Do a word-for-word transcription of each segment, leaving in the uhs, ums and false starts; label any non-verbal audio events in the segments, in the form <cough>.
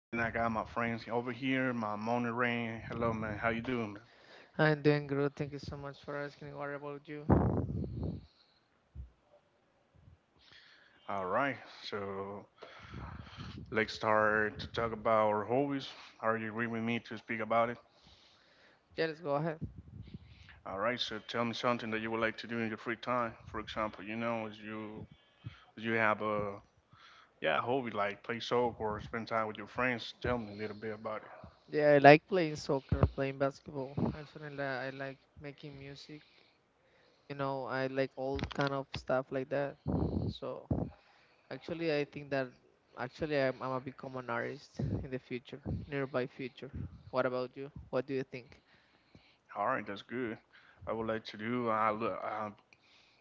And I got my friends over here, my morning rain. Hello man, how you doing man? I'm doing good, thank you so much for asking. What about you? All right, so let's start to talk about our hobbies. Are you agree with me to speak about it? Yeah, let's go ahead. All right, so tell me something that you would like to do in your free time. For example, you know, if you if you have a yeah hobby like play soccer or spend time with your friends. Tell me a little bit about it. Yeah, I like playing soccer, playing basketball. Actually, I li- I like making music. You know, I like all kind of stuff like that. So, actually, I think that actually I'm, I'm gonna become an artist in the future, nearby future. What about you? What do you think? All right, that's good. I would like to do. I look. Uh,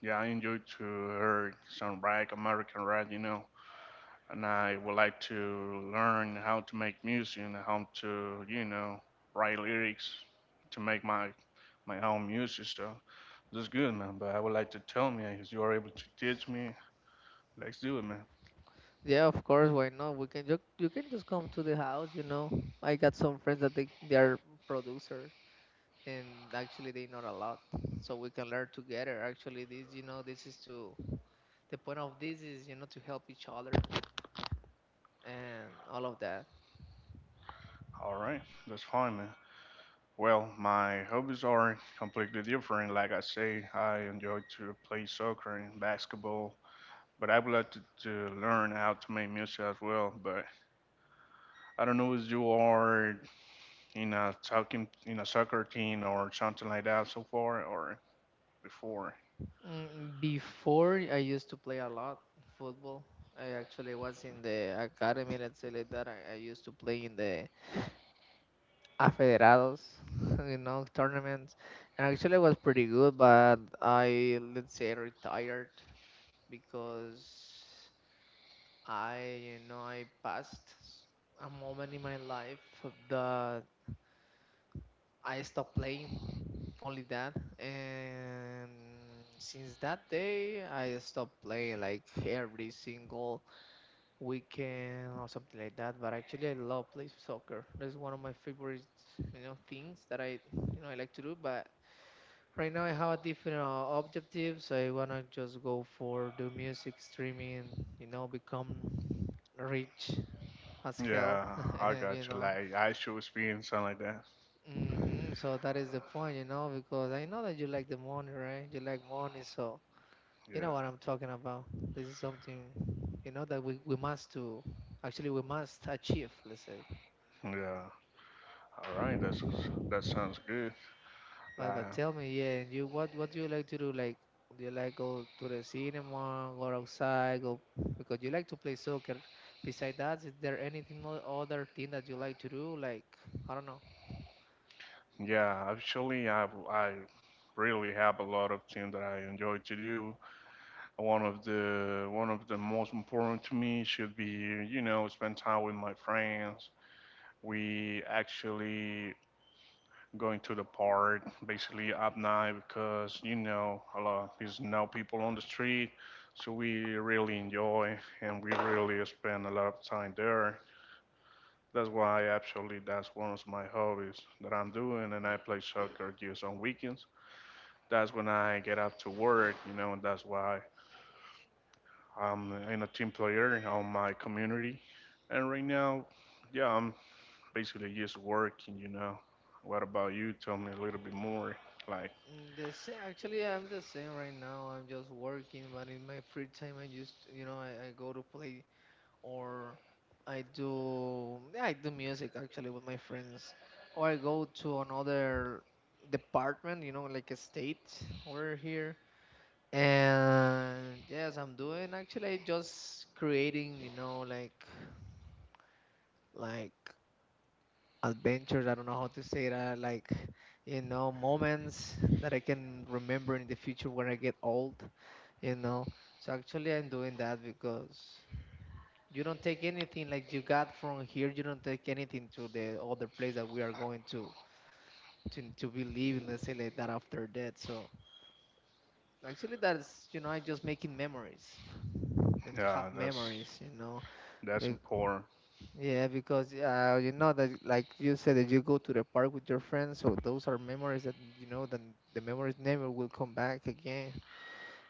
yeah, I enjoy to hear some rag, American rag, you know. And I would like to learn how to make music and how to, you know, write lyrics to make my my own music. So that's good, man. But I would like to tell me if you are able to teach me. Let's do it, man. Yeah, of course. Why not? We can ju- you can just come to the house. You know, I got some friends that they they are producers. And actually they know a lot, so we can learn together. Actually, this, you know, this is to the point of this is, you know, to help each other and all of that. All right, that's fine, man. Well, my hobbies are completely different. Like I say, I enjoy to play soccer and basketball but I would like to, to learn how to make music as well. But I don't know if you are in a talking in a soccer team or something like that so far or before. Mm, before I used to play a lot football. I actually was in the academy, let's say like that. I, I used to play in the afederados <laughs> you know tournaments, and actually I was pretty good, but I, let's say, retired because I, you know, I passed s- a moment in my life that I stopped playing, only that. And since that day, I stopped playing like every single weekend or something like that. But actually, I love play soccer. That's one of my favorite, you know, things that I, you know, I like to do. But right now, I have a different uh, objective, so I wanna just go for do music streaming, you know, become rich as hell. Yeah, <laughs> I And got you you. know. Like I should experience something like that. hmm So that is the point, you know, because I know that you like the money, right? You like money, so you know Yeah, what I'm talking about. This is something, you know, that we, we must do. Actually, we must achieve, let's say. yeah. All right, that's that sounds good. But, but Like tell me, yeah, and you, what, what do you like to do? Like, do you like go to the cinema, go outside, go, because you like to play soccer. Besides that, is there anything o- other thing that you like to do? Like, I don't know. yeah, actually I I really have a lot of things that I enjoy to do. One of the one of the most important to me should be, you know, spend time with my friends. We actually going to the park basically at night because, you know, a lot there's no people on the street, so we really enjoy and we really spend a lot of time there. That's why actually that's one of my hobbies that I'm doing, and I play soccer just on weekends. That's when I get out to work, you know, and that's why I'm in a team player on my community. And right now, yeah, I'm basically just working, you know. What about you? Tell me a little bit more. Like, Mm, the same. Actually, I'm the same right now. I'm just working, but in my free time, I just, you know, I, I go to play, or I do, yeah, I do music actually with my friends, or I go to another department, you know, like a state over here. And yes, I'm doing actually just creating, you know, like like adventures. I don't know how to say that, like, you know, moments that I can remember in the future when I get old, you know. So actually, I'm doing that because you don't take anything like you got from here. You don't take anything to the other place that we are going to to to be living. Let's say like that, after that. So actually, that's, you know, I'm just making memories and to have yeah, that's memories. You know, that's Be- important. yeah, because uh, you know that, like you said, that you go to the park with your friends. So those are memories that, you know, that the memories never will come back again.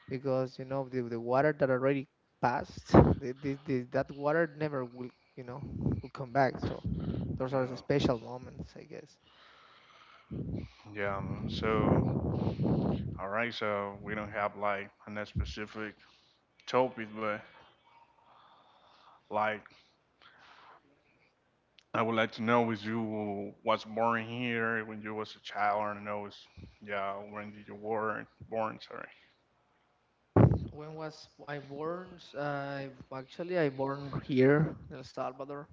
Because you know the, the water that already passed, the, the, the, that water never will, you know, will come back. So Yeah, those are the special moments, I guess. yeah, man. So, all right. So we don't have like a specific topic, but like I would like to know with you what's born here when you was a child. I don't know. It's, yeah, when did you were born? Sorry. When was I born? I actually I born here in El Salvador,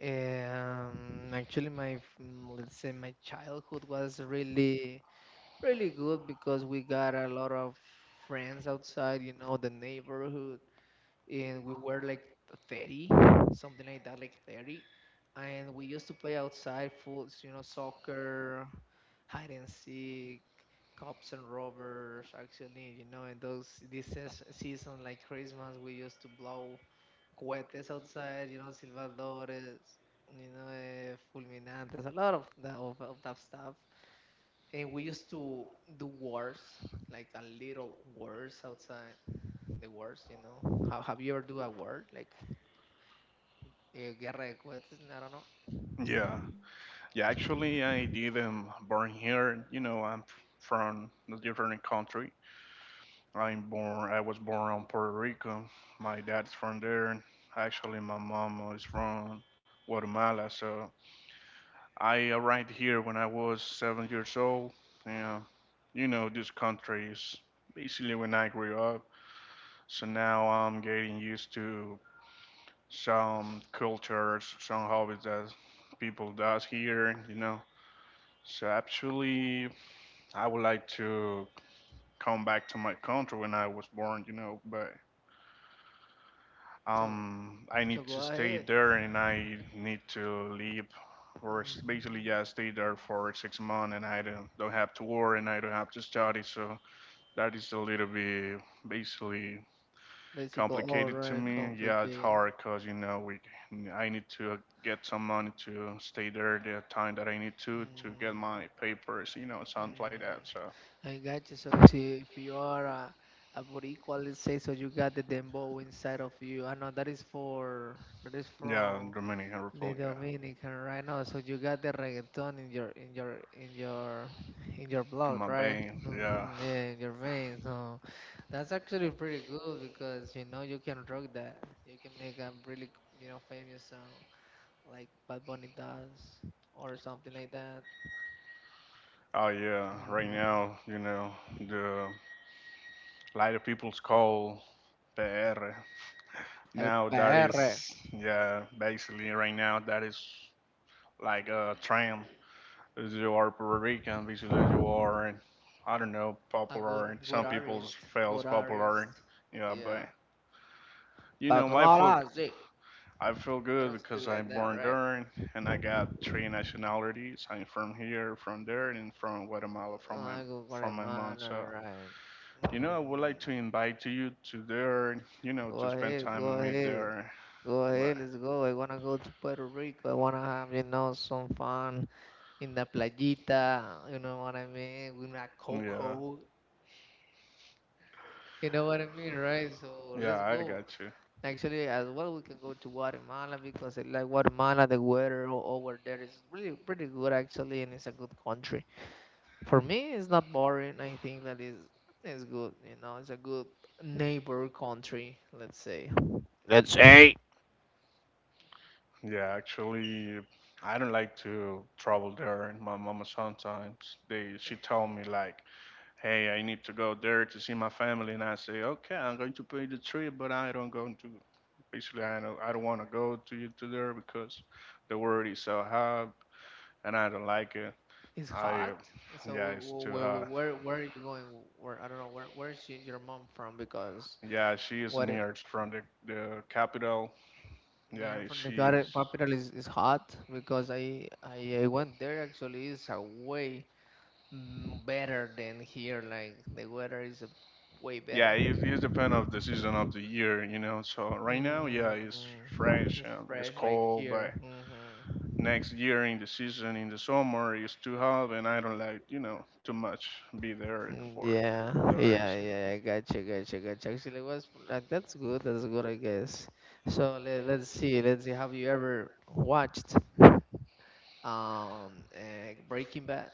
and actually my f- mm, let's say my childhood was really really good, because we got a lot of friends outside, you know, the neighborhood, and we were like thirty something like that, like thirty, and we used to play outside full, you know, soccer, hide and seek, cops and robbers. Actually, you know, in those this seas- season like Christmas, we used to blow cohetes outside, you know, silvadores, you know, uh, fulminantes, a lot of that, of, of that stuff. And we used to do wars, like a little wars outside, the wars. You know, have, have you ever do a war like, yeah, Guerra de Cohetes, I don't know. Yeah, yeah. Actually, I didn't born here. You know, I'm from a different country. I'm born. I was born on Puerto Rico. My dad's from there. Actually, my mom is from Guatemala. So I arrived here when I was seven years old. Yeah, you know this country is basically when I grew up. So now I'm getting used to some cultures, some hobbies that people does here. You know. So actually, I would like to come back to my country when I was born. You know, but So, Um, I so need go to stay ahead. there and I need to leave or s- Hmm. basically yeah, stay there for six months and I don't, don't have to work and I don't have to study. So that is a little bit basically Basically, all complicated to right, me. Yeah, it's complicated. hard because you know we I need to get some money to stay there the time that I need to to get Hmm. my papers, you know, something like that. Hmm. So I got you. So, see, if you are a, a Boricua, let's say, so you got the dembow inside of you. I know that is for that is yeah, from Dominican The Republic, yeah, Dominican right now, so you got the reggaeton in your in your in your in your in blood, my right? veins, yeah. Hmm. Yeah, in your veins. So that's actually pretty good, because you know you can rock that. You can make a really, you know, famous song like Bad Bunny does or something like that. Oh yeah, right Hmm. now, you know, the lot of people's call P R. El Now that P R, is yeah, basically right now that is like a trend. If you are Puerto Rican, basically you are I don't know, a good popular good some people artist, feels good popular. artist. Yeah, Yeah, but you but know, do my not f- lie, see. I feel You good don't because speak like I'm that, born right? there and I got three nationalities. I'm from here, from there and from Guatemala from my I go for from a my mom. So manor ride. you know, Mm. I would like to invite you to there, you know, Go to spend ahead, time go with me ahead. there. Go ahead, But let's go. I wanna go to Puerto Rico. I wanna have, you know, some fun in the playita, you know what I mean? With my yeah, cocoa. You know what I mean, right? So yeah, let's I go. got you. Actually, as well, we can go to Guatemala because I like Guatemala. The weather o- over there is really pretty good, actually, and it's a good country. For me, it's not boring. I think that is is good. You know, it's a good neighbor country. Let's say, let's say Yeah, actually, I don't like to travel there. My mama sometimes they she told me like, "Hey, I need to go there to see my family," and I say, "Okay, I'm going to pay the trip, but I don't going to." Basically, I don't I don't want to go to you to there because the word is so hard and I don't like it. it's I, hot. yeah, So it's too where where hot. where, where are you going? Where, I don't know. Where where is y- your mom from? Because Yeah, she is what it- near from the, the capital. near Yeah, from the she. gar- capital is, is hot. Because I, I I went there. Actually, it's a way mm, better than here. Like the weather is a way Yeah, better. it, it depends of the season of the year, you know. So right now, yeah, it's Mm, fresh it's and it's fresh like cold, here. but Hmm. next year in the season in the summer it's too hot, and I don't like, you know, too much be there Mm. for Yeah, the yeah, reason. yeah. I gotcha, gotcha, gotcha. Actually, was like that's good. That's good, I guess. So let, let's see. Let's see. Have you ever watched um uh, Breaking Bad?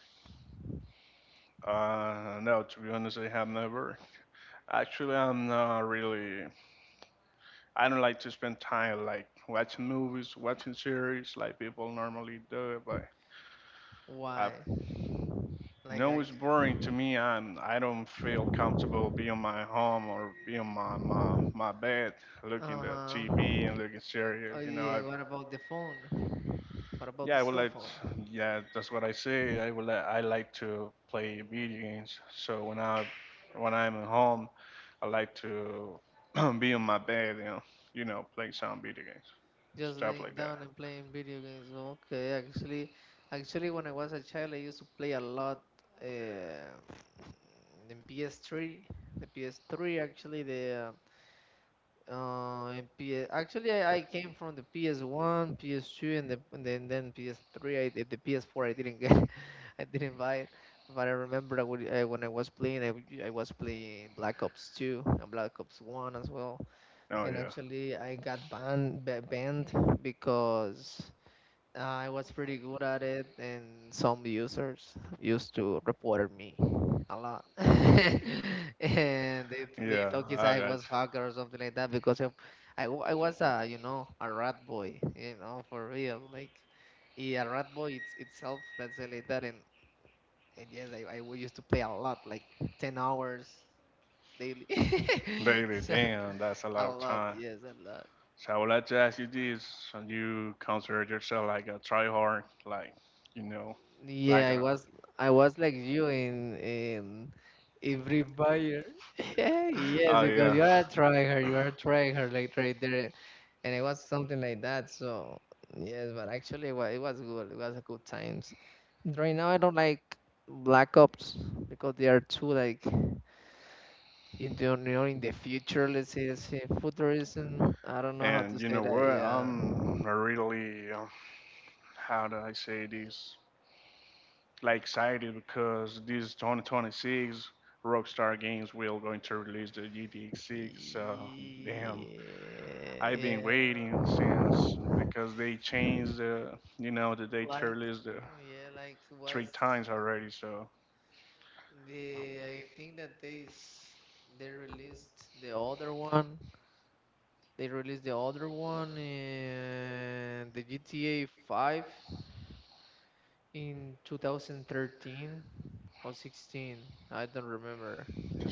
Uh, no, to be honest, I have never. Actually, I'm not really I don't like to spend time like watching movies, watching series like people normally do. But I Why? Like, know I, it's boring to me. I'm I don't feel comfortable being my home or being my my my bed, looking at T V and uh-huh. looking series. Oh You know, I yeah. What about the phone? What about yeah, the I would cell like. phone? Yeah, that's what I say. I would. Like, I like to play video games. So when I when I'm at home, I like to <clears throat> be in my bed and you know play some video games, Just stuff laying like that. down and playing video games. Okay, actually, actually, when I was a child, I used to play a lot. Uh, in P S three, the P S three actually, the uh, uh, in P S actually, I, I came from the P S one, P S two, and, the, and then then P S three. I did the P S four. I didn't get, <laughs> I didn't buy it. But I remember I would, uh, when I was playing, I, would- I was playing Black Ops two and Black Ops one as well. Oh And yeah, actually, I got banned ba- banned because I was pretty good at it, and some users used to report me a lot. <laughs> And they th- they yeah, thought is I I got was hacker or something like that because of, I w- I was a, you know, a rat boy, you know, for real. Like, yeah, a rat boy, it's itself, let's say like that. and and yes, I I used to play a lot, like ten hours daily. you, <laughs> baby. So Damn, that's a a lot of lot, time. yes, a lot. So I would like to ask you this: and you consider yourself like a tryhard, like you know, Yeah, like I a was, I was like you in in in Free Fire. <laughs> Yeah, <laughs> yes, oh because yeah. you are a tryhard, you are a tryhard like right there, and it was something like that. So yes, but actually it was, it was good. It was a good times. Right now I don't like Black Ops because they are too like in the, you know, in the future. Let's say, let's say futurism. I don't know how to And you say know what? that. Yeah. I'm a really um, how do I say this? Like excited because this twenty twenty-six Rockstar Games will going to release the G T X six. So damn, I've been waiting since because they changed Yeah. the you know the date to Like, release the yeah, like three was times already. So the I think that they s- they released the other one. They released the other one and the G T A five in twenty thirteen or sixteen. I don't remember.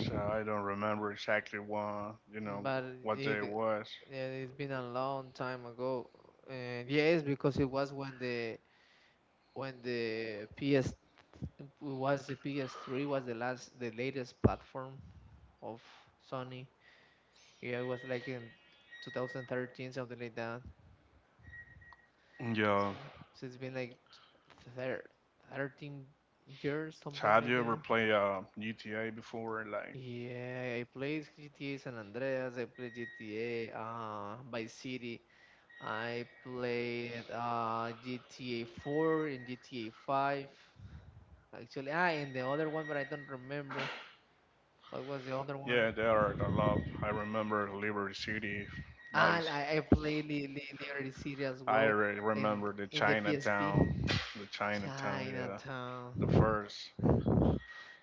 so I don't remember exactly what you know But what day it it, was. yeah, it's been a long time ago. And yes, because it was when the when the P S it was the P S three was the last the latest platform of Sony. Yeah, it was like in twenty thirteen, something like that. Yeah. So, so it's been like thir thirteen years, So something have like you ever that. played uh, G T A before? Like Yeah, I played G T A San Andreas, I played G T A uh Vice City, I played uh G T A four and G T A five actually. Ah, and the other one but I don't remember. What was the other one? yeah, there are a lot. I remember Liberty City And Vice. I, I play Li- Li- Liberty City as I well re- in remember the in the P S P. Chinatown, the Chinatown, yeah, the Chinatown. first.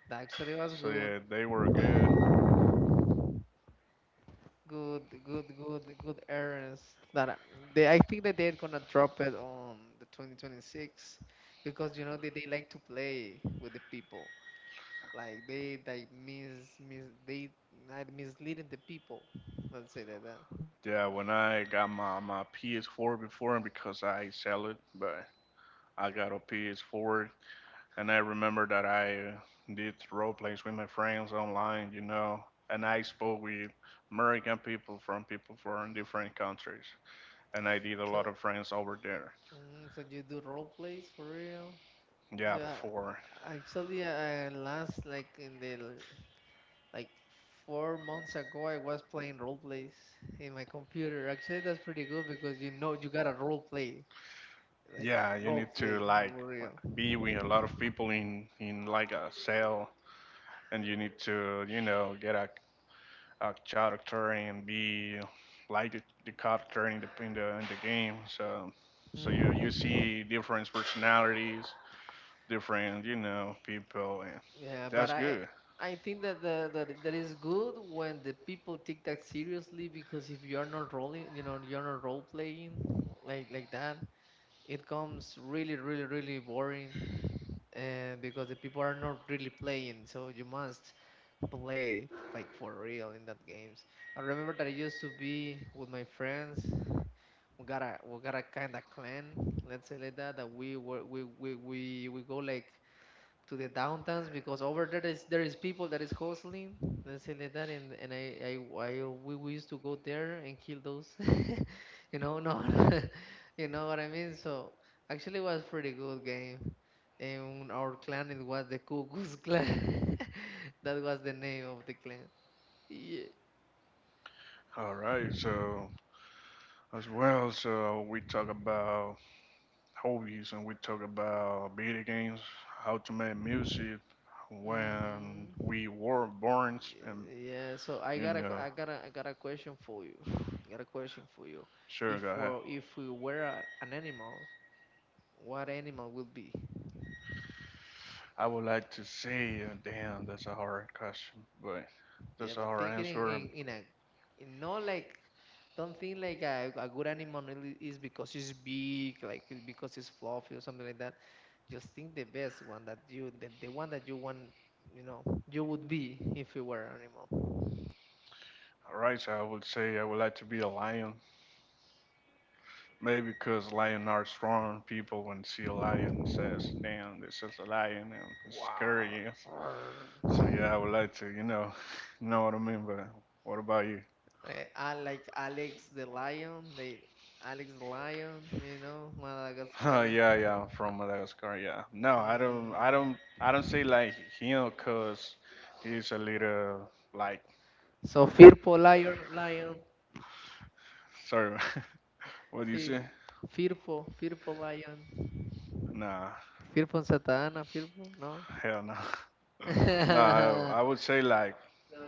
That actually was So good. yeah, they were good. Good, good, good, good errands. That I- they, I think that they're gonna drop it on the twenty twenty-six because you know they, they like to play with the people. Like they like mis mis they like misleading the people, let's say like that. uh, Yeah, when I got my, my P S four before, and because I sell it, but I got a P S four, and I remember that I uh, did role plays with my friends online, you know, and I spoke with American people from people from different countries. And I did a So lot of friends over there. mm, so you do role plays for real? Yeah, Yeah, before. actually, I last like in the l- like four months ago, I was playing role plays in my computer. Actually, that's pretty good because you know you gotta role play, like Yeah, you role need to play like for real. be with a lot of people in in like a cell, and you need to you know get a, a character and be like the, the character in the, in the in the game. So so you you Hmm, see different personalities, different you know people, and yeah, but that's I good. I think that the, that that is good when the people take that seriously, because if you're not rolling, you know, you're not role playing like like that, it comes really really really boring, and because the people are not really playing, so you must play like for real in that games. I remember that I used to be with my friends. We got a we got a kind of clan, let's say like that. That we were we we we we go like to the downtowns, because over there is there is people that is hustling, let's say like that, and and I I, I we, we used to go there and kill those <laughs> you know no, <laughs> you know what I mean. So actually it was pretty good game, and our clan, it was the Ku Klux clan. <laughs> That was the name of the clan. Yeah. All right, so as well, so we talk about hobbies and we talk about video games, how to make music Hmm, when we were born and yeah. So I you got a know I got a I got a question for you. I got a question for you sure if go ahead. we if we were a- an animal, what animal will be? I would like to say uh, damn that's a hard question but Yeah, that's a but hard thinking in, answer. in, in a, in no, like, don't think like a, a good animal, really is, because it's big, like, it's because it's fluffy or something like that. Just think the best one that you, the, the one that you want, you know, you would be if you were an animal. Alright, so I would say I would like to be a lion. Maybe because lions are strong. People when see a lion says, "Damn, this is a lion," and it's Wow. scary, yeah. <laughs> Arr. So yeah, I would like to, you know, <laughs> know what I mean. But what about you? <laughs> Eh, I like Alex the Lion, they Alex the Lion, you know, Uh, Madagascar. yeah, yeah, I'm from Madagascar. Yeah. No, I don't, I Mm. don't, I don't say like him because he's a little like, So fearful lion, lion. sorry, <laughs> what do you Sí, say? fearful Firpo Lion, Nah, fearful Satana, fearful no. hell no. <laughs> Nah, I, I <laughs> would say like,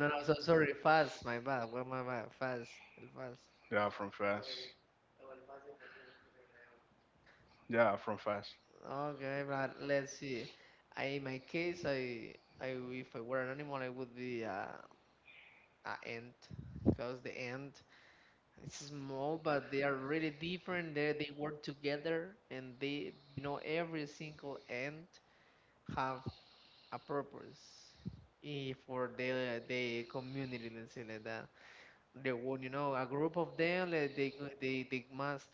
No, no, so sorry, fast. My bad. Well, my bad. Fast, el fast. yeah, from fast. Yeah, from fast. Okay, but let's see. I, in my case, I, I, if I were an animal, I would be a, a ant, because the ant is small, but they are really different. They, they work together, and they, you know, every single ant have a purpose, eh, for the the community, let's say like that. The one, you know, a group of them, like they go- they they must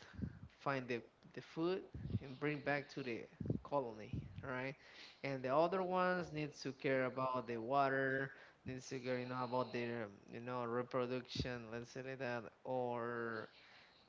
find the the food and bring back to the colony, right? And the other ones needs to care about the water, needs to care, you know, about their um, you know reproduction, let's say like that, or,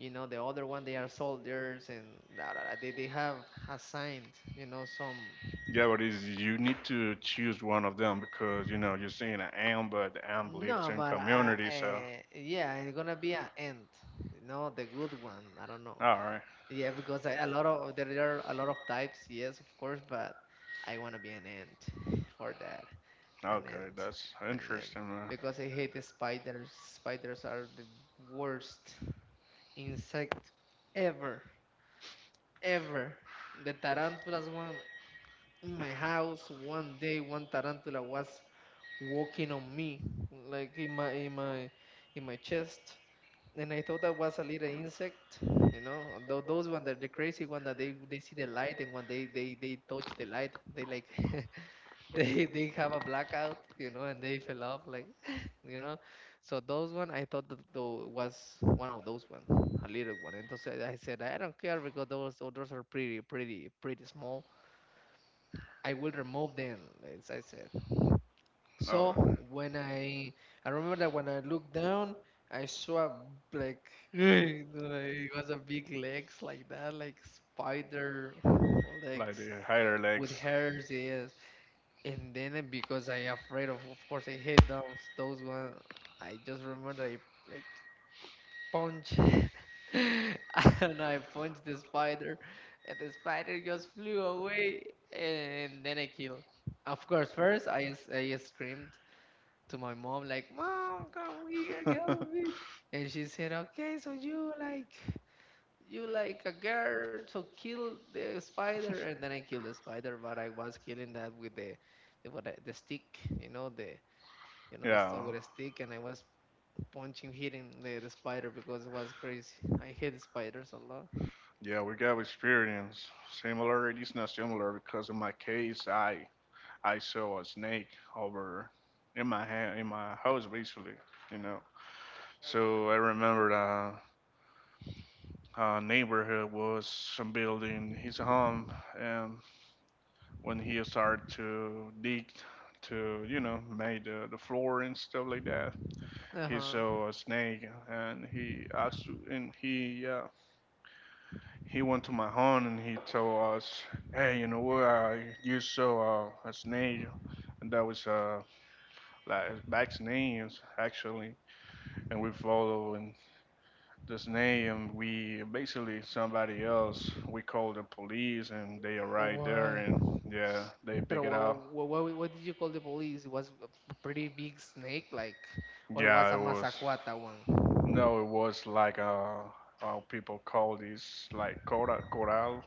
you know, the other one, they are soldiers, and da, da, da, they, they have assigned, you know, some. Yeah, but is you need to choose one of them because you know you're seeing an am, but the am lives No, in but uh, community. So uh, yeah, it's gonna be an end. You know, the good one. I don't know. all right. Yeah, because I, a lot of, there are a lot of types. Yes, of course, but I wanna be an ant <sighs> <laughs> for that. An Okay, ant, that's an ant. interesting, man. Because I hate the spiders. Spiders are the worst insect ever, ever. The tarantulas one in my house. One day, one tarantula was walking on me, like, in my in my in my chest, and I thought that was a little insect, you know, although those one that the crazy one that they they see the light, and when they they they touch the light, they like <laughs> they they have a blackout, you know, and they fell off, like, <laughs> you know, so those one, I thought that though was one of those one, a little one. And so I said I don't care, because those others are pretty pretty pretty small. I will remove them, as I said. So Oh, when I I remember that when I looked down, I saw a, like, <laughs> like, it was a big legs like that, like spider like they legs hide their with legs. hairs. Yes, and then uh, because I afraid of, of course, I hate those those one. I just remember I like punch. <laughs> And I punched the spider, and the spider just flew away, and then I killed. Of course, first I, s- I screamed to my mom, like, mom, come here, help me. <laughs> And she said, okay, so you like you like a girl, so kill the spider. And then I killed the spider, but I was killing that with the the, what, I- the stick, you know, the, you know the Yeah, stone with a stick, and I was punching, hitting the, the spider, because it was crazy. I hate spiders a lot. yeah, we got experience. Similar, it is not similar because in my case, I I saw a snake over in my hand in my house basically, you know. So I remember the uh, neighborhood was some building his home, and when he started to dig to you know made the, the floor and stuff like that he Uh-huh. saw a snake and he asked and he uh, he went to my home and he told us hey you know what uh, you saw uh, a snake and that was uh like back's name actually and we follow and snake and we basically somebody else we called the police and they Oh, arrived there why? and yeah they pick But it what, up. what, what, what did you call the police? It was a pretty big snake, like, or it was Yeah, a it was. masacuata one? No, it was like uh, how people call this like coral, coral.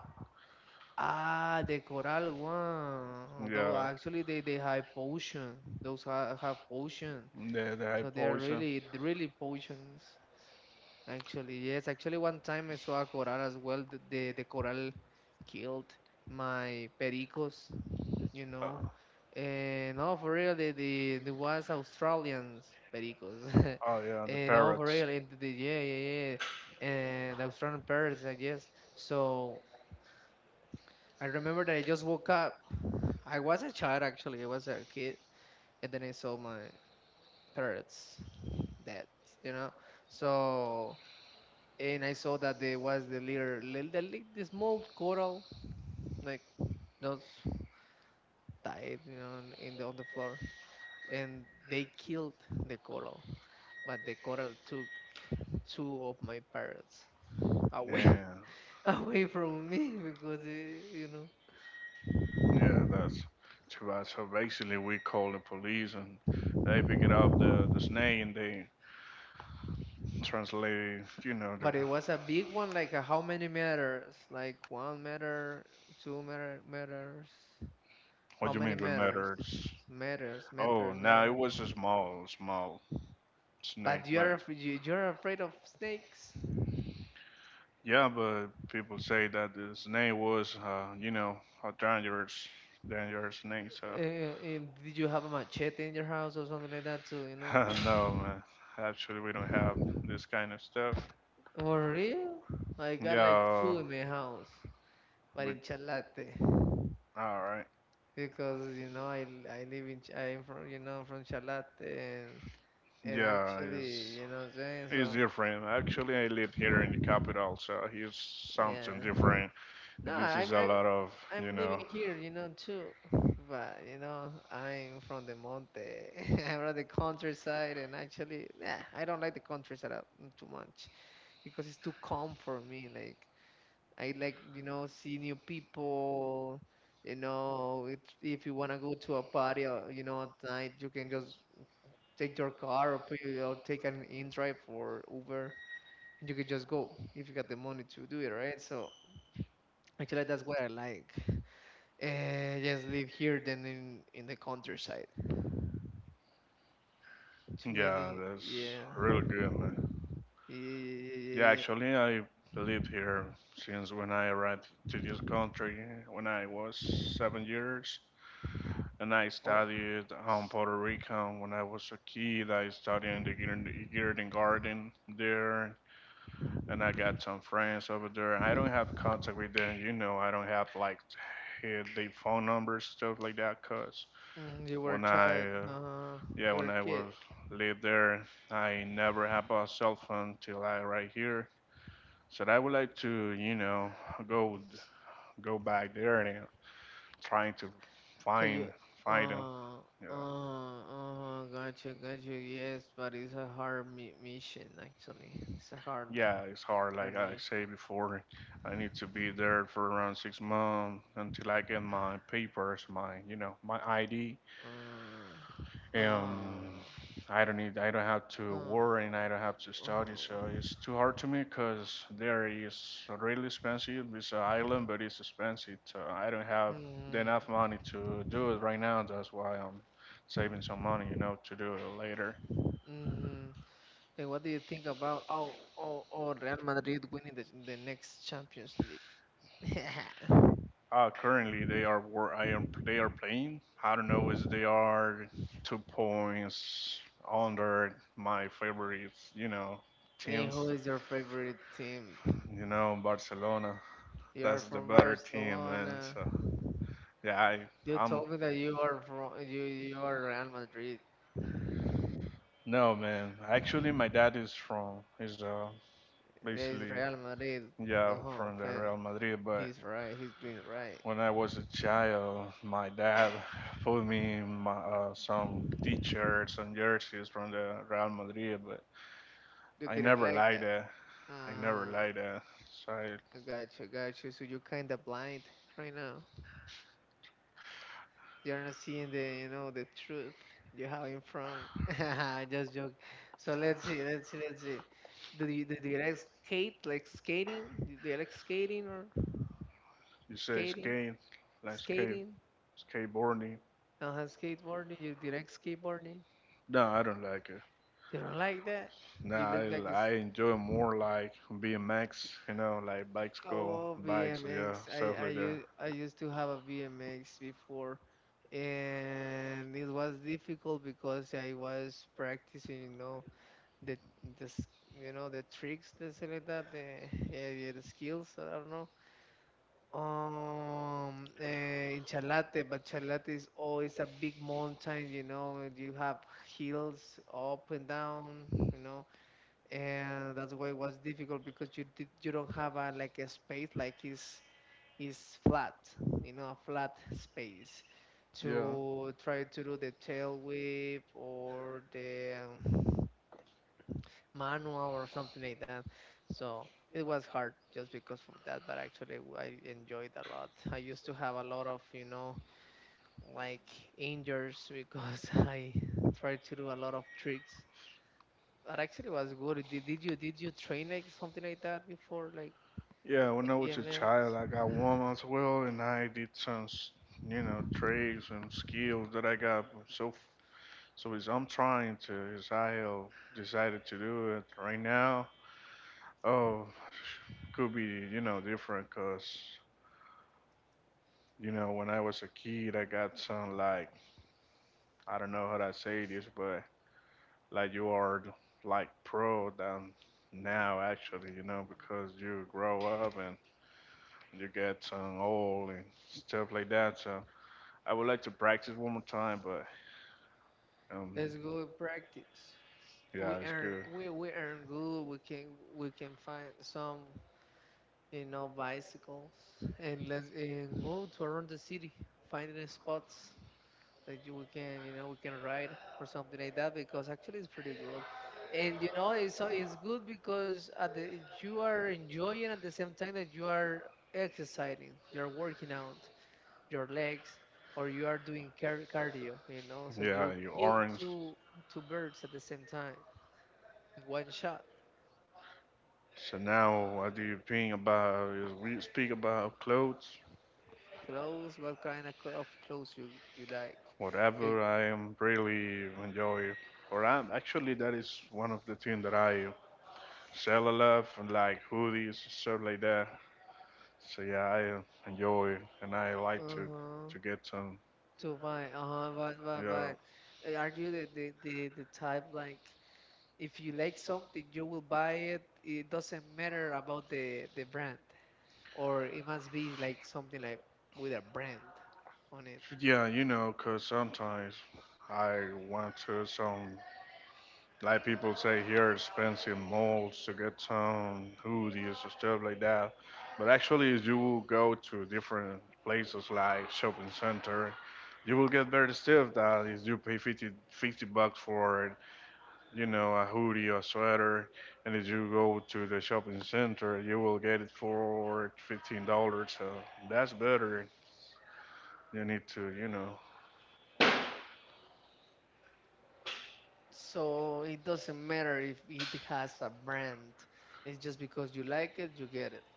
Ah, the coral one. Though Yeah, actually they they have potion. Those ha have potion. the the high So they are poison. really really potions. Actually, yes. Actually, one time I saw a coral as well. The the, the coral killed my pericos. You Uh, know. And no, for real, the the, the was Australians pericos. <laughs> oh yeah, the And no, for parrots. real, and the, yeah, yeah, yeah. And Australian parrots, I guess. So. I remember that I just woke up. I was a child, actually, I was a kid, and then I saw my parents dead, you know. So, and I saw that there was the little, little, the, li- the small coral like just died, you know, in in the on the floor, and they killed the coral, but the coral took two of my parents away, Yeah, <laughs> away from me, because they, you know. yeah, that's too bad. So basically, we call the police and they pick it up the the snake and they translate, you know, the But it was a big one, like, uh, how many meters? Like one meter, two meter, meters. What How do you mean many with meters? matters? Meters, Oh, meters, now it meters. was a small, small snake, But but you're af- you- you're afraid of snakes? yeah, but people say that the snake was, uh, you know, a dangerous, dangerous snake. So Uh, um, did you have a machete in your house or something like that too? You know? <laughs> no, man, actually, we don't have this kind of stuff. For real? I got like Yeah, two in my house, but we, in Chalate, all right. because, you know, I l- I live in Ch- I'm from, you know, from Chalate, and and Yeah, actually, it's you know what I'm saying. it's So. different. Actually, I live here in the capital, so it's something Yeah. different. No, This I'm is a I'm lot of, you I'm living know, here, you know, too. <laughs> But, you know, I'm from the monte. <laughs> I'm from the countryside, and actually, nah, I don't like the countryside up too much, because it's too calm for me. Like, I like, you know, see new people. You know, it, if you wanna go to a party, or, you know, at night, you can just take your car, or pay, or take an in-drive or Uber, and you can just go if you got the money to do it, right? So actually, that's what I like. Uh, just live here than in in the countryside. Too yeah, many, that's yeah, real good, man. yeah, yeah, Yeah, yeah, yeah. actually, I lived here since when I arrived to this country when I was seven years. And I Oh, studied on Puerto Rico when I was a kid. I studied in the Garden Garden Garden there, and I got some friends over there. I don't have contact with them, you know. I don't have like eh, their phone numbers, stuff like that, cause mm, you were a when I child, uh, uh, yeah, you were when I a kid, was live there, I never have a cell phone till I right here. So I would like to, you know, go go back there and trying to so you, find find them. uh, Yeah, uh, uh, gotcha, gotcha. Yes, but it's a hard mi mission, actually. It's a hard, yeah, it's hard. Like hard I mission. say before, I need to be there for around six months until I get my papers, my you know, my I D. Uh, uh, Um, I don't need, I don't have uh, to worry and I don't have to study, so uh, it's too hard to me because there is really expensive. It's an island, but it's expensive. So I don't have enough mm-hmm, money to do it right now. That's why I'm saving some money, you know, to do it later. mm-hmm. And what do you think about oh oh oh Real Madrid winning the the next Champions League? <laughs> Uh, currently they are wor- I am they are playing. I don't know if they are two points under my favorite, you know, Hey, teams. who is your favorite team? You know, Barcelona. You are That's the from better team, man. Barcelona. So yeah, I You I'm told me that you are from, you you are Real Madrid. no man. Actually, my dad is from he's uh It's basically Real Madrid. yeah Uh-huh, from the fan. Real Madrid. But He's right. He's doing right. when I was a child, my dad put me in my, uh, some t-shirts and jerseys from the Real Madrid. But You I didn't never like liked that. that. I never Uh, liked that. So I, I got you, got you. So you're kind of blind right now. You're not seeing the, you know, the truth you have in front. <laughs> I just joke. So let's see, let's see, let's see. Do you, do you like skate, like, skating? Do you like skating or you say skating? skate, like skate Skating? skateboarding. Uh, skateboarding? You do you like skateboarding? No, I don't like it. You don't like that? You Nah, look I, like it's, I enjoy more like B M X, you know, like bikes go, oh, bikes, yeah, B M X. I stuff I like that. used I used to have a B M X before, and it was difficult because I was practicing, you know, the the s- you know, the tricks, let's say like that, the, yeah, yeah, the skills. I don't know, um eh, in Chalate, but Chalate is always a big mountain, you know, and you have hills up and down, you know, and that's why it was difficult, because you did, you don't have a, like, a space, like, is is flat, you know, a flat space Yeah. to try to do the tail whip or the um, manual or something like that. So it was hard just because of that, but actually w- I enjoyed a lot. I used to have a lot of, you know, like, injuries, because <laughs> I tried to do a lot of tricks. But actually was good. Did, did you did you train like something like that before, like Yeah, when like I was a B M X? child, I got warm as well, and I did some, s- you know, tricks and skills that I got. So, so as I'm trying to, as I uh, decided to do it right now, oh, could be, you know, different, cause you know, when I was a kid, I got some like I don't know how to say this, but like you are like pro than now actually, you know, because you grow up and you get some old and stuff like that. So I would like to practice one more time, but um, Let's go practice. We yeah, it's earn good. we we earn good. We can we can find some, you know, bicycles, and let's, and go to around the city finding spots, like, you, we can, you know, we can ride or something like that, because actually it's pretty good, and you know, it's, so it's good because at the, you are enjoying at the same time that you are exercising, you're working out your legs, or you are doing car- cardio, you know, so you Yeah, you kill orange. two two birds at the same time in one shot. So now, what do you think about? We speak about clothes? Clothes. What kind of co- of clothes you you like? Eh, Whatever I am really enjoy. Or I'm actually that is one of the things that I sell a lot, and like hoodies, stuff like that. So yeah, I uh, enjoy and I like to to uh-huh, get some. to buy. Uh-huh, but but Yeah, but eh, are you the the the, the type, like, if you like something, you will buy it? It doesn't matter about the the brand, or it must be like something, like, with a brand on it? yeah, you know, 'cause sometimes I want to some like people say here, expensive malls to get some hoodies or stuff like that. But actually, if you will go to different places like shopping center, you will get better stuff that if you pay fifty fifty bucks for, you know, a hoodie or sweater, and if you go to the shopping center, you will get it for fifteen dollars. So that's better. You need to, you know, So it doesn't matter if it has a brand. It's just because you like it, you get it.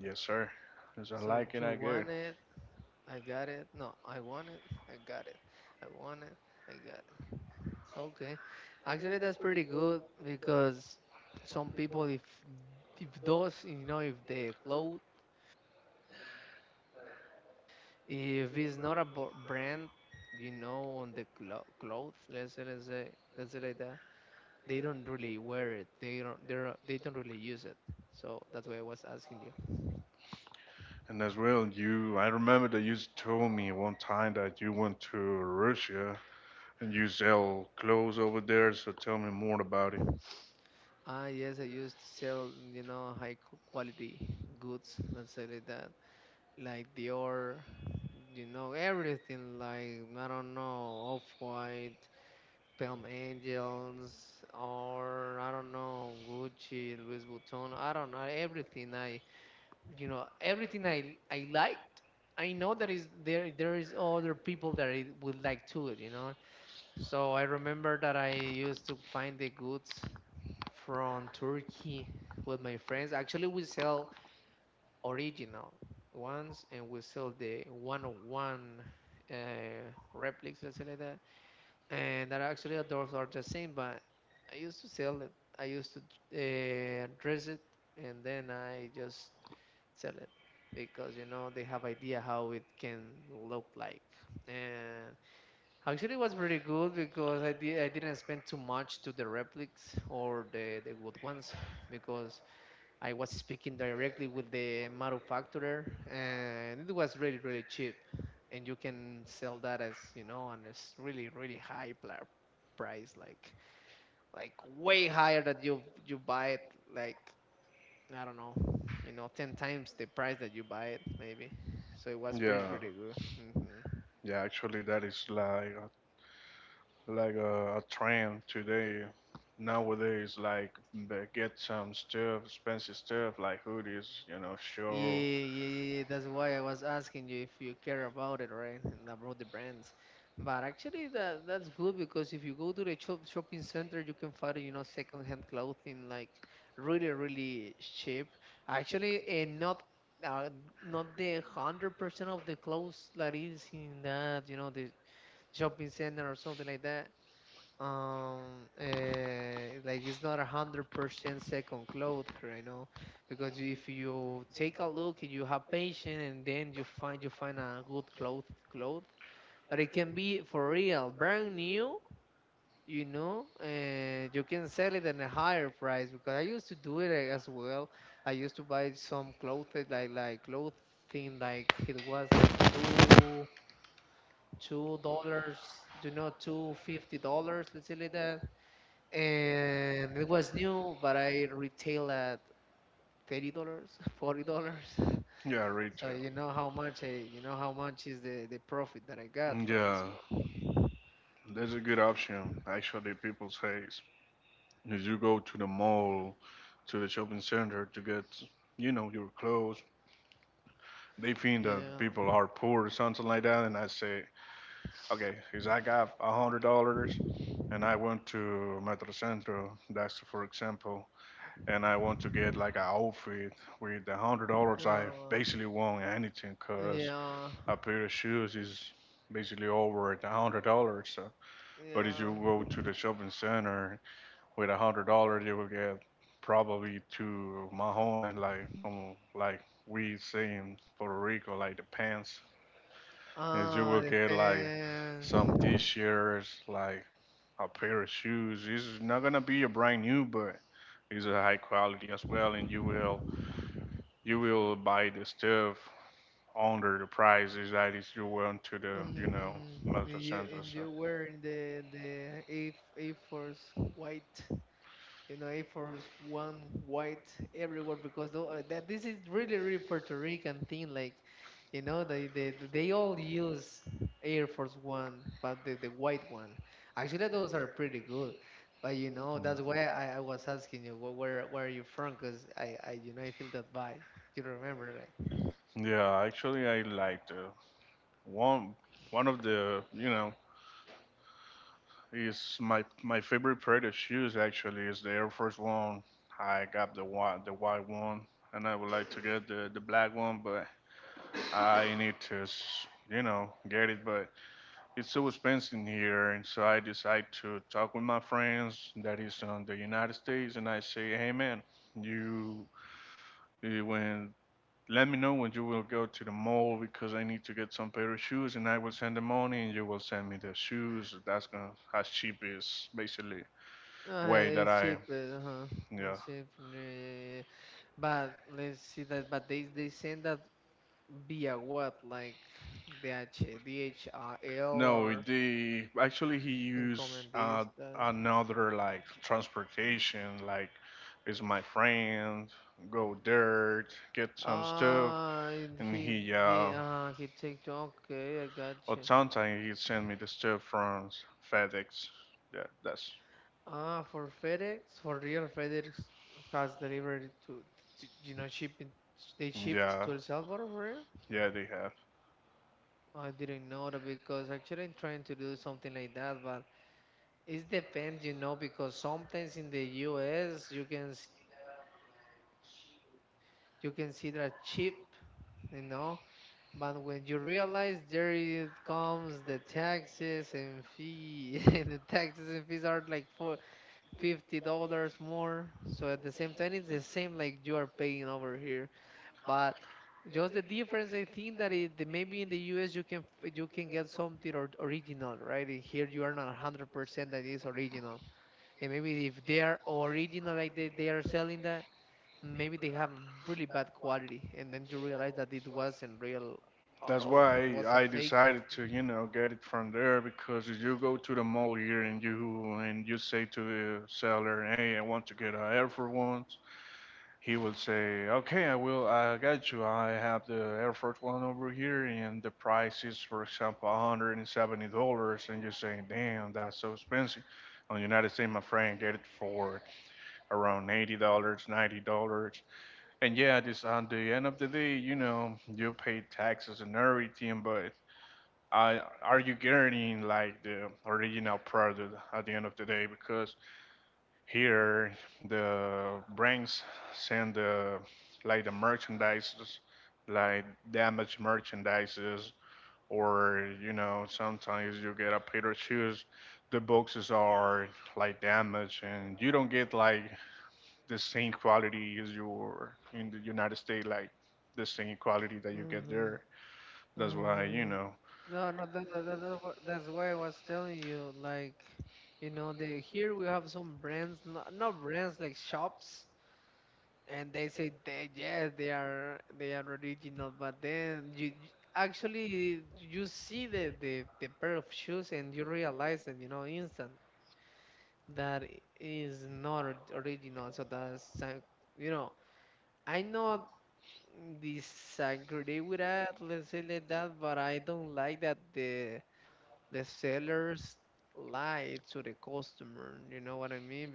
yes, sir. Because I So like it, I you get it. want it, I got it. No, I want it, I got it. I want it, I got it. Okay. Actually, that's pretty good because some people, if if those, you know, if the clothes If it's not a bo- brand, you know, on the clo- clothes, let's say, let's say, let's say like that, they don't really wear it. They don't, they don't, they don't really use it. So that's why I was asking you. And as well, you, I remember that you told me one time that you went to Russia and you sell clothes over there. So tell me more about it. Ah, yes, I used to sell, you know, high q- quality goods, let's say like that, like Dior, you know, everything like, I don't know, Off-White, Palm Angels, or I don't know, Gucci, Louis Vuitton. I don't know, everything. I, you know, everything i i liked. I know that is there there is other people that it would like to it, you know. So I remember that I used to find the goods from Turkey with my friends. Actually, we sell original ones and we sell the one oh one uh, replicas, let's say like that, and that actually outdoors are the same. But I used to sell it, I used to uh, dress it and then I just sell it because, you know, they have idea how it can look like. And actually it was pretty good because i did I didn't spend too much to the replicas or the the good ones because I was speaking directly with the manufacturer, and it was really, really cheap. And you can sell that, as you know, on this really, really high pla- price, like like way higher that you you buy it. Like, I don't know, you know, ten times the price that you buy it maybe. So it was pretty, Yeah, pretty good. hmm yeah. Actually, that is like like a, a trend today. Nowadays, like they get some stuff, expensive stuff like hoodies, you know, Yeah, sure. yeah, yeah, yeah. That's why I was asking you if you care about it, right? And about the brands. But actually, that that's good because if you go to the shop, shopping center, you can find, you know, second-hand clothing like really, really cheap. Actually, and not uh, not the one hundred percent of the clothes that is in that, you know, the shopping center or something like that, um uh, like it's not a hundred percent second cloth right now because if you take a look and you have patience and then you find you find a good cloth cloth that it can be for real brand new, you know, and you can sell it at a higher price because I used to do it, eh, as well. I used to buy some clothes, eh, like like clothing, like it was like two two dollars, you know, two fifty dollars, let's say like that, and it was new, but I retail at thirty dollars, forty dollars. <laughs> Yeah, So retail. you know how much I, you know how much is the the profit that I got, right? Yeah, So, that's a good option. Actually, people say if you go to the mall, to the shopping center to get, you know, your clothes, they think that yeah, people are poor or something like that. And I say, okay, if I got a hundred dollars, and I went to Metro Centro, that's for example, and I want to get like an outfit with the hundred dollars, I uh, basically want anything, cause yeah, a pair of shoes is basically over at a hundred dollars. So. But if you yeah. go to the shopping center with a hundred dollars you will get probably to Mahone like um, like we say in Puerto Rico like the pants and you will Ah, get like some depends. t-shirts like a pair of shoes this is not gonna be a brand new but it's a high quality as well and you will you will buy the stuff under the prices that is you went to the you know Mm-hmm. multi You, center so and you wearing the the A A force white. You know, A Force One white everywhere because tho- uh, that this is really really Puerto Rican thing. Like, you know, they they they all use Air Force One, but the the white one. Actually, those are pretty good. But, you know, that's why I, I was asking you wh- where where are you from? Cause I I you know, I feel that vibe. You remember, right? yeah actually I like the one one of the you know is my my favorite pair of shoes actually is the Air Force One. I got the white the white one, and I would like to get the the black one, but I need to s- you know get it. But it's so expensive here, and so I decide to talk with my friends that is on the United States, and I say, hey man, you you when let me know when you will go to the mall because I need to get some pair of shoes, and I will send the money, and you will send me the shoes. That's gonna as cheap as basically way that Uh, it's I, cheap, uh, huh? yeah. It's cheap, yeah, yeah, yeah. But let's see that. But they they send that via what, like DH, D H L No, or the actually he and used comment uh, this that. another like transportation, like is my friend, go there, get some stuff, Ah, and and he he uh, ge- uh, he checked. Okay, I got or you. sometimes he send me the stuff from FedEx. Yeah, that's Ah, for FedEx, for real FedEx has delivered to, to you know shipping. They shipped yeah, to El Salvador for real. yeah they have. I didn't know that because actually I'm trying to do something like that, but it depends, you know, because sometimes in the U S you can s- you can see that cheap, you know. But when you realize there it comes the taxes and fee, <laughs> and the taxes and fees are like for fifty dollars more. So at the same time, it's the same like you are paying over here. But just the difference, I think that it, the- maybe in the U S you can f- you can get something or, original, right? And here you are not hundred percent that is original, and maybe if they are original like they, they are selling that, maybe they have really bad quality, and then you realize that it wasn't real at That's all. It why was a I fake decided it. to, you know, get it from there because if you go to the mall here and you and you say to the seller, "Hey, I want to get an Air Force One," he will say, "Okay, I will. I got you. I have the Air Force One over here, and the price is, for example, one hundred and seventy dollars." And you're saying, "Damn, that's so expensive." On United States, my friend, get it for around eighty dollars, ninety dollars. And yeah, this on the end of the day, you know, you pay taxes and everything, but I, are you guaranteeing like the original product at the end of the day? Because here the brands send the like the merchandises, like damaged merchandises, or you know sometimes you get a pair of shoes, the boxes are like damaged, and you don't get like the same quality as your in the United States, like the same quality that you get Mhm, there. That's why you mhm. know. No, no, that, that, that, that wa- that's why I was telling you. Like, you know, the here we have some brands, not, not brands like shops, and they say they yes, they are they are original, but then you you- actually you see the the the pair of shoes, and you realize that, you know, instant that is not or- original. So that's, uh, you know, I not disagree with that, let's say like that, but I don't like that the the sellers lie to the customer. You know what I mean?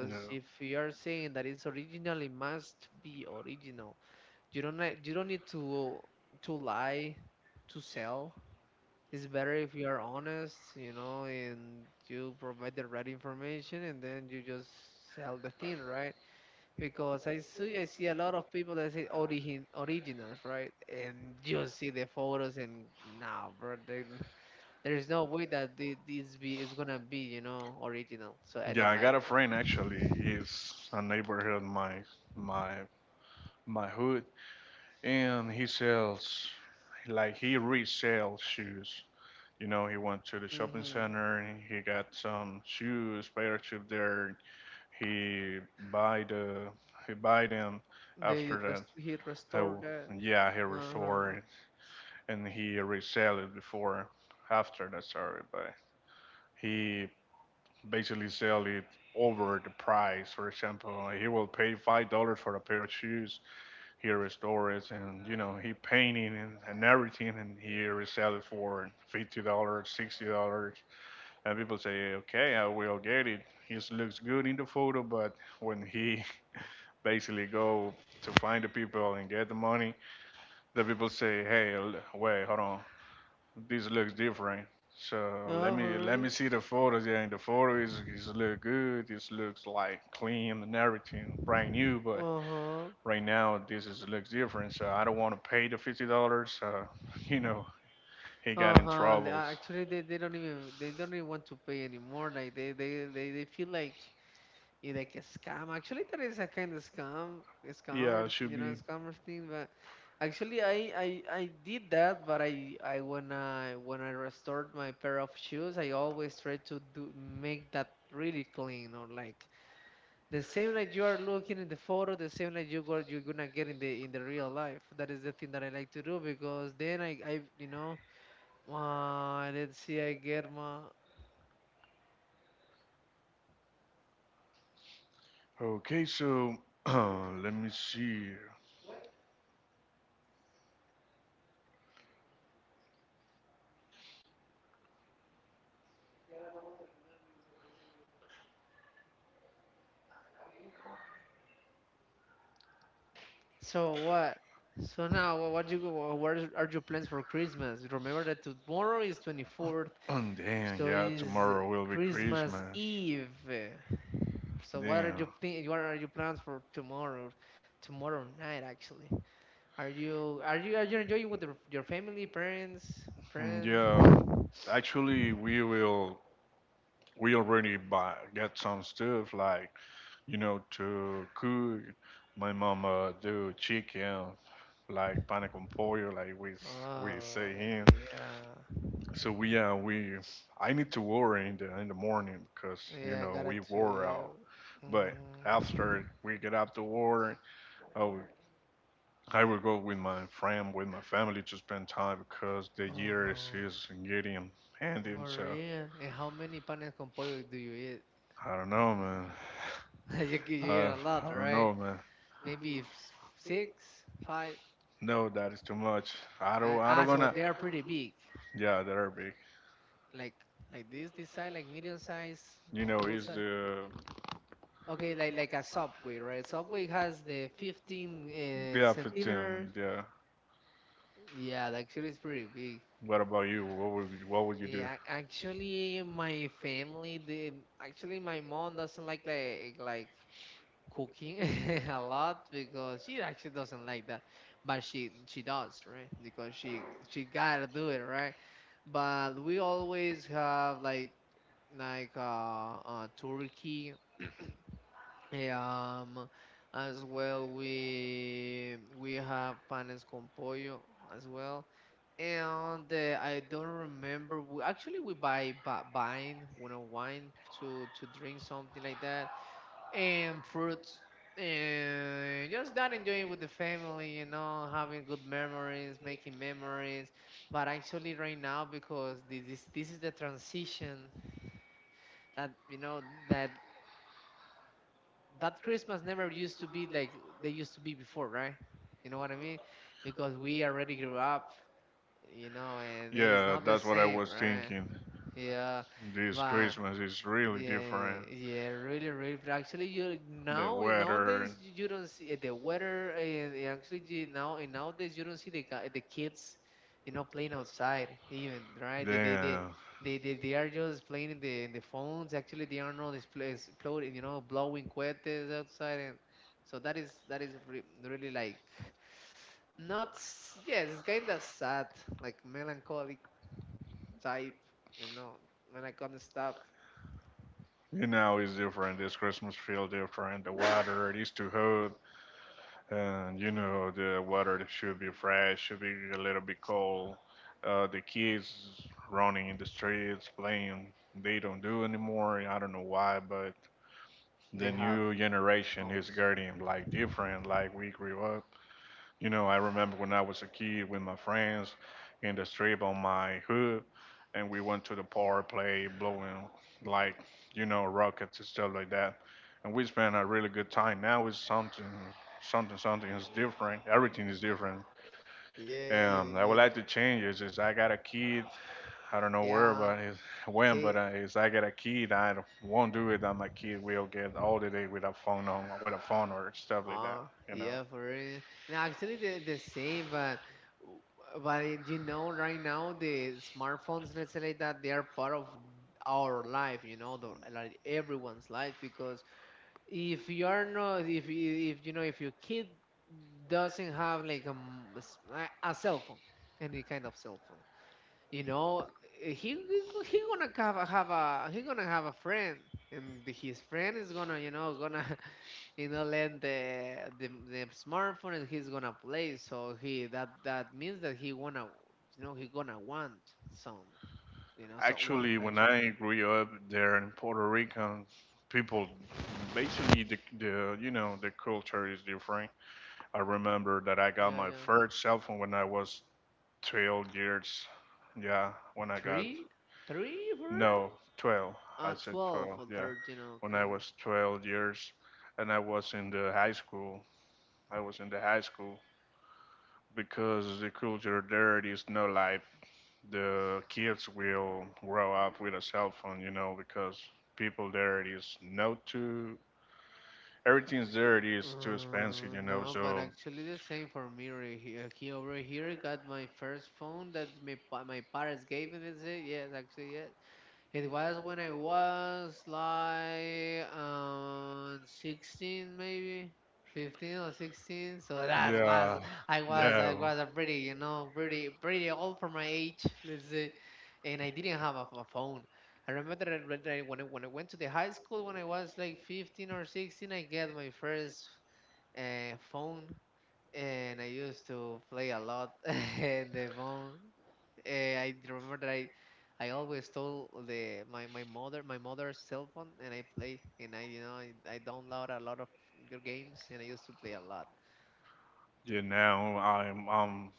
Yeah. if you are saying that it's original, it must be original. You don't ni- you don't need to to lie to sell. It's better if you are honest, you know, and you provide the right information and then you just sell the thing, right? Because I see I see a lot of people that say origin originals, right? And you see the photos and nah, bro, they, <laughs> there's no way that thi- this be is gonna be, you know, original. So I Yeah, don't I got like a that. friend actually. He's a neighborhood my my my hood, and he sells like he resells shoes. You know, he went to the shopping Mm-hmm. center and he got some shoes, pair of shoes there. He buy the he buy them after They that. rest he restored Oh, that. yeah, he Uh-huh. restored it and he resell it before after that. Sorry, but he basically sell it over the price. For example, he will pay five dollars for a pair of shoes. He restores it, and you know he painting and, and everything, and he resell it for fifty dollars, sixty dollars. And people say, okay, I will get it. He looks good in the photo, but when he <laughs> basically go to find the people and get the money, the people say, hey, l- wait, hold on, this looks different. So let No, for me let real. me see the photos. Yeah, and the photo is is look good. This looks like clean and everything, brand new. But Uh-huh. right now, this is looks different. So I don't want to pay the fifty dollars. So <laughs> you know, he got in Uh-huh. they- troubles. uh, Actually, they, they don't even they don't even want to pay anymore. Like they they they, they feel like it's like a scam. Actually, there is a kind of scam, a Yeah, scammer, it should you know, be scammer thing. But actually, I I I did that. But I I when I when I restored my pair of shoes, I always try to do make that really clean, or like the same that you are looking in the photo, the same that you got you're gonna get in the in the real life. That is the thing that I like to do because then I I you know. Uh, I didn't see I get my. okay. So <clears throat> let me see. <clears throat> So what? So now, wha- what you go? Wha- What is- are your plans for Christmas? Remember that tomorrow is twenty-fourth, Oh damn, so yeah, is uh, tomorrow will be Christmas Christmas. Eve. So what are Damn. your thi- what are your plans for tomorrow? Tomorrow night, actually. Are you are you are you enjoying with your your family, parents, Mm, friends? yeah, actually, we will. We already buy get some stuff like you know to cook. My mama do chicken like pan con pollo, like we we say Oh here. yeah, So we uh we I need to work in the in the morning because you yeah, I know got it we too. wore out. Yeah. But Mm. after we get out to work, I will, I will go with my friend with my family to spend time because the Oh year is, no. is getting ending. For So real. And how many panes con pollo do you eat? I don't know, man. <laughs> You, g- you eat Uh, a lot, I don't right? know, man. Maybe f- six, five. No, that is too much. I Uh, don't. I ah, don't So wanna. they are pretty big. Yeah, they are big. Like like this, this size, like medium size You or know, full it's size. the Okay, like like a Subway, right? Subway has the fifteen uh, yeah, centimeters. fifteen. Yeah. Yeah, that actually is pretty big. What about you? What would you, what would you Yeah, do? ac- actually, my family, they, actually, my mom doesn't like like like cooking <laughs> a lot because she actually doesn't like that, but she she does, right? Because she she gotta do it, right? But we always have like like uh, uh turkey. <clears throat> Yeah, um as well we we have panes con pollo as well. And uh, I don't remember. we, actually we buy bu- wine, you know wine to to drink something like that, and fruits, and just that, enjoying with the family, you know, having good memories, making memories. But actually right now, because thi- this this is the transition that you know that that Christmas never used to be like they used to be before, right? You know what I mean? Because we already grew up, you know, and it's Yeah, not the that's what I same, was right? thinking. Yeah. This But Christmas is really yeah, different. yeah, really, really. But actually, you The now in nowadays weather. you you don't see uh, the weather. And actually, you- now in nowadays you don't see the guy- the kids, you know, playing outside even, right? They they they Damn. they they, they are just playing in the in the phones. Actually, they are not display- exploding, you know, blowing cohetes outside, and so that is that is re really like not. s- Yes, it's kind of sad, like melancholic type, you know, melancholic stuff You know, it's different. This Christmas feel different. The water, it is too hot. And, you know, the water that should be fresh, should be a little bit cold. Uh, the kids running in the streets, playing, they don't do anymore. I don't know why, but they the have. new generation is Pounds. getting, like, different, like we grew up. You know, I remember when I was a kid with my friends in the strip on my hood, and we went to the power play, blowing like, you know, rockets and stuff like that. And we spent a really good time. Now it's something, something, something is different. Everything is different. Yeah, yeah, Um, I would yeah, like to change it. Is I got a kid. I don't know where, yeah. but it's when, but Take, uh, is I got a kid. I don't- won't do it that my kid will get all the day with a phone on, with a phone or stuff like that, uh, you know. yeah, for real. No, actually, the, the same, but w- but you know, right now the smartphones, let's say like that, they are part of our life. You know, the, like everyone's life, because if you are not, if you- if you know, if your kid doesn't have like a, m- a s- a- a cell phone, any kind of cell phone. You know, eh, he he he gonna have a, have a he gonna have a friend, and his friend is gonna you know gonna <laughs> you know lend the the, the smartphone, and he's gonna play. So he that that means that he wanna you know he gonna want some, you know so one Actually, when actually. I grew up there in Puerto Rico, people basically the, the you know the culture is different. I remember that I got Yeah, my yeah. first cell phone when I was twelve years. Yeah, when I got Three, three for real? no twelve. I Uh, said twelve twelve. or Yeah, thirteen. when I Okay. was twelve years, and I was in the high school. I was in the high school because the culture there it is no life. The kids will grow up with a cell phone, you know, because people there it is not too everything's there it is too expensive, Uh, you know. no, but So actually the same for me. re- He, uh, he over here got my first phone that my pa- my parents gave me. Is it? Yes, actually, yes. It was when I was like um sixteen, maybe fifteen or sixteen. So that yeah, was I was I yeah, was a pretty you know pretty pretty old for my age, let's say, and I didn't have a, a phone. I remember that I- that I- when I when I went to the high school when I was like fifteen or sixteen, I get my first uh, phone, and I used to play a lot <laughs> in the phone. Eh, I d- remember that I, I always stole the my, my mother my mother's cell phone, and I play, and I you know I, I download a lot of your games, and I used to play a lot. yeah. Now I'm um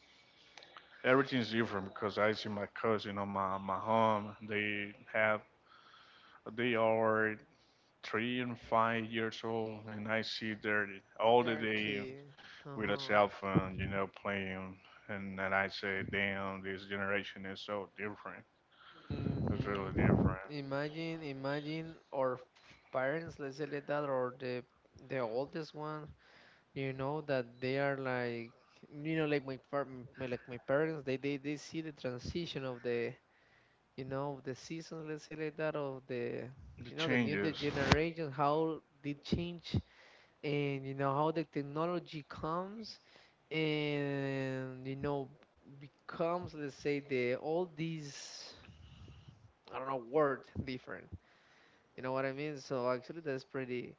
everything's different because I see my cousin on my my home. They have they are three and five years old, and I see their all the You're a day kid. with a Uh-huh. cell phone, you know, playing. And then I say, damn, this generation is so different. hmm It's really different. Imagine, imagine our f- parents, let's say like that, or the the oldest one, you know, that they are like you know like my, par- m- my like my parents. They, they they see the transition of the you know the seasons, let's say like that, of the The you know the new the changes. generation, how they change, and you know how the technology comes and you know becomes, let's say, the all these, I don't know, word different, you know what I mean. So actually that's pretty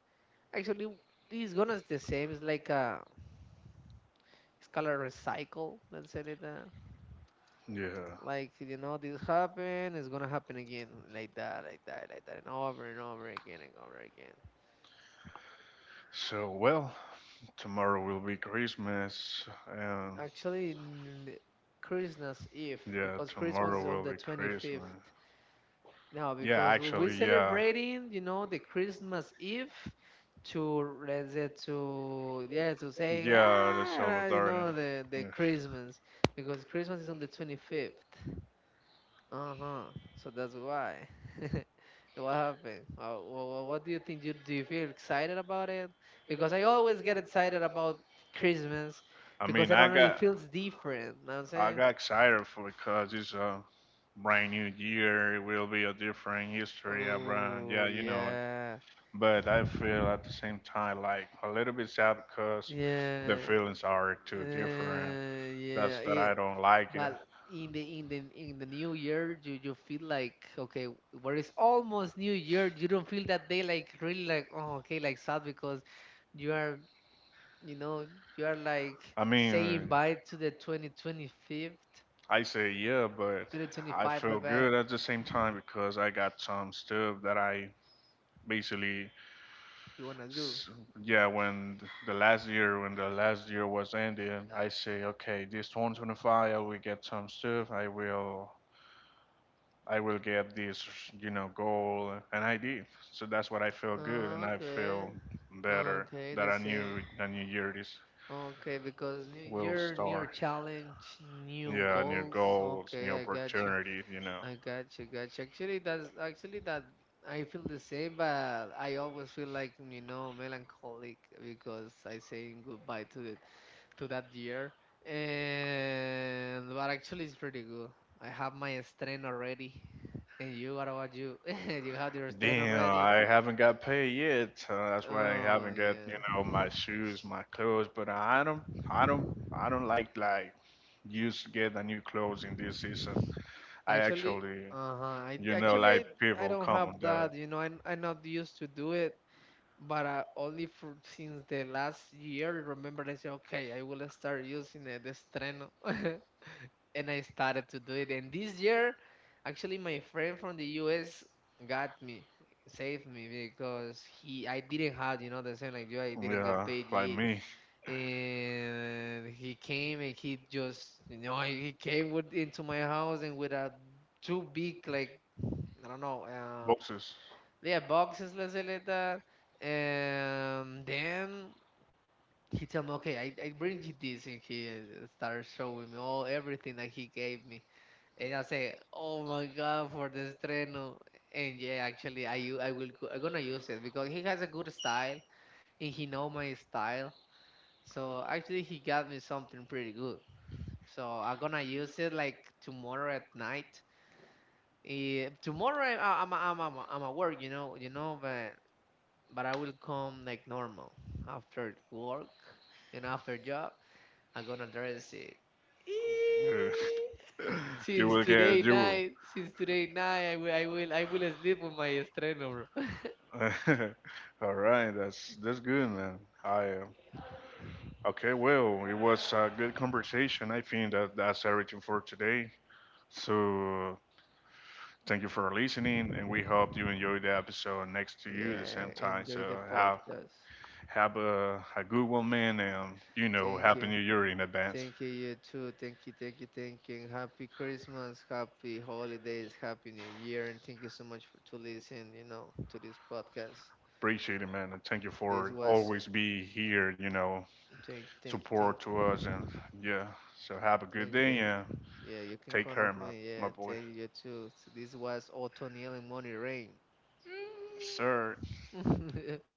actually it's gonna the same. It's like a it's called a recycle, let's say like that, Yeah. like you know this happened, it's gonna happen again, like that, like that, like that, and over and over again, and over again. So, well, tomorrow will be Christmas. And Actually, n- Christmas Eve, yeah, because Christmas tomorrow is on will the be Christmas. twenty-fifth. Now, Yeah, because we- we're actually, yeah. celebrating, you know the Christmas Eve, to, let's say, to, yeah, to say, Yeah, the ah you Salvadorian. know the the Yeah. Christmas, because Christmas is on the twenty-fifth. Uh-huh. So that's why. <laughs> What happened? Uh, what, what do you think? Do you, do you feel excited about it? Because I always get excited about Christmas, I because mean, I I don't know, it got feels different. Know what I'm I saying? got excited for because it's a brand new year. It will be a different history. A brand, Oh, yeah, you know. yeah. But I feel at the same time like a little bit sad because the Yeah. feelings are too different. Uh, That's yeah. that I Yeah. don't like it. But in the in the in the new year, you you feel like, okay, where it's almost new year, you don't feel that day like really, like, oh, okay, like sad, because you are. You know, you are like I saying mean, bye to the twenty twenty-fifth, I say yeah, but I two thousand twenty-five, my feel bad. good at the same time because I got some stuff that I basically You wanna do? S yeah, when th- the last year when the last year was ending, I say, okay, this twenty twenty-five, I will get some stuff. I will I will get this, you know, goal, and I did. So that's what I feel good, and I Okay, feel better okay, that the a same. new a new year this Okay, because new will year, new start. challenge, new Yeah, new goals. goals, new Okay, I got you. opportunities, you know. I got you, got you. Actually, that's actually that I feel the same, but I always feel like you know melancholic, because I saying goodbye to the to that year, and but actually it's pretty good. I have my strength already. And you, what about you? <laughs> You have your strength Damn, already. I haven't got paid yet. So that's why I Oh haven't got, you yeah. know, my shoes, my clothes. But I don't, I don't, I don't like like used to get a new clothes in this season. I Actually, actually, uh-huh. I d- you know, actually I like I people don't come have on that. that. You know, I'm I'm not used to do it. But uh, only for, since the last year, remember I said, okay, I will start using uh, the strength. <laughs> And I started to do it. And this year, actually, my friend from the U S got me, saved me, because he I didn't have, you know, the same like you, I didn't get Yeah, paid like yet. me, And he came, and he just, you know, he came with into my house, and with a two big, like, I don't know, uh, boxes. yeah, boxes, let's say like that. And then he told me, okay, I, I bring you this, and he uh, started showing me all everything that he gave me, and I say, "Oh my God, for this estreno!" And yeah, actually, I u- I will go- I'm gonna use it, because he has a good style and he know my style. So actually, he got me something pretty good. So I'm gonna use it like tomorrow at night. Eh, tomorrow I, I'm I'm I'm I'm at work, you know, you know, but but I will come like normal after work and after job. I'm gonna dress it. <laughs> Yeah. <laughs> You Since will today get, you will. night, since today night, I will, I will, I will sleep with my estreno, bro. <laughs> <laughs> All right, that's that's good, man. I uh, okay. Well, it was a good conversation. I think that that's everything for today. So thank you for listening, and we hope you enjoyed the episode next to you the same Yeah, time. enjoy So the have podcast. have a, a good one, man, and you know, Thank happy you. New Year in advance. Thank you, you too. Thank you, thank you, thank you. And Happy Christmas, happy holidays, Happy New Year. And thank you so much for to listen, you know, to this podcast. Appreciate it, man, and thank you This for was, always be here. You know, thank you, thank you, support thank to you, us, and yeah. So have a thank good you, thank day and you. Yeah, you can take count off care, my me. my Yeah, boy. thank you, you too. So this was O'Toniel and Money Rain. Yes, sir. <laughs>